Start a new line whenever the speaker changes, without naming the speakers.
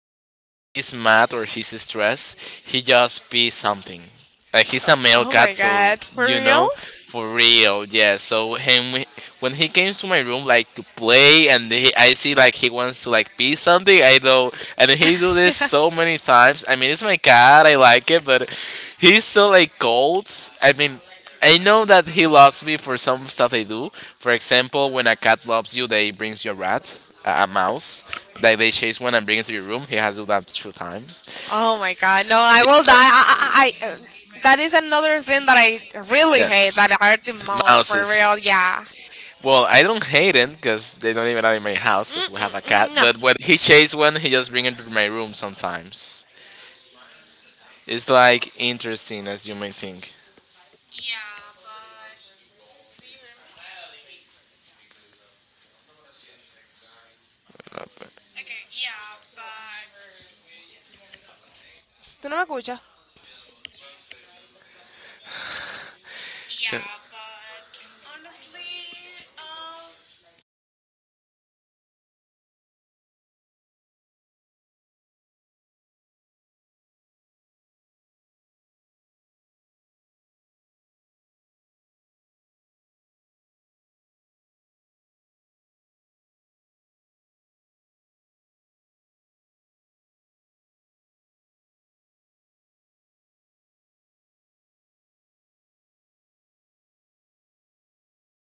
that when he's mad or he's stressed, he just pees something. Like, he's a male
Oh
cat,
my
so
god, for
you
real?
know, for real, yeah. So him when he came to my room like to play, and he, I see like he wants to like be something. I know, and he do this
Yeah.
so many times. I mean, it's my cat. I like it, but he's so like cold. I mean. I know that he loves me for some stuff they do. For example, when a cat loves you, they brings you a rat, a mouse. Like they chase one and bring it to your room. He has do that two times.
Oh my god, no, I will die. That is another thing that I really
Yeah.
hate that I hurt the most, for
Mouses.
real, yeah.
Well, I don't hate it because they don't even are in my house because we have a cat.
No,
But when he chase one, he just bring it to my room sometimes. It's like interesting as you may think.
tú no me escuchas.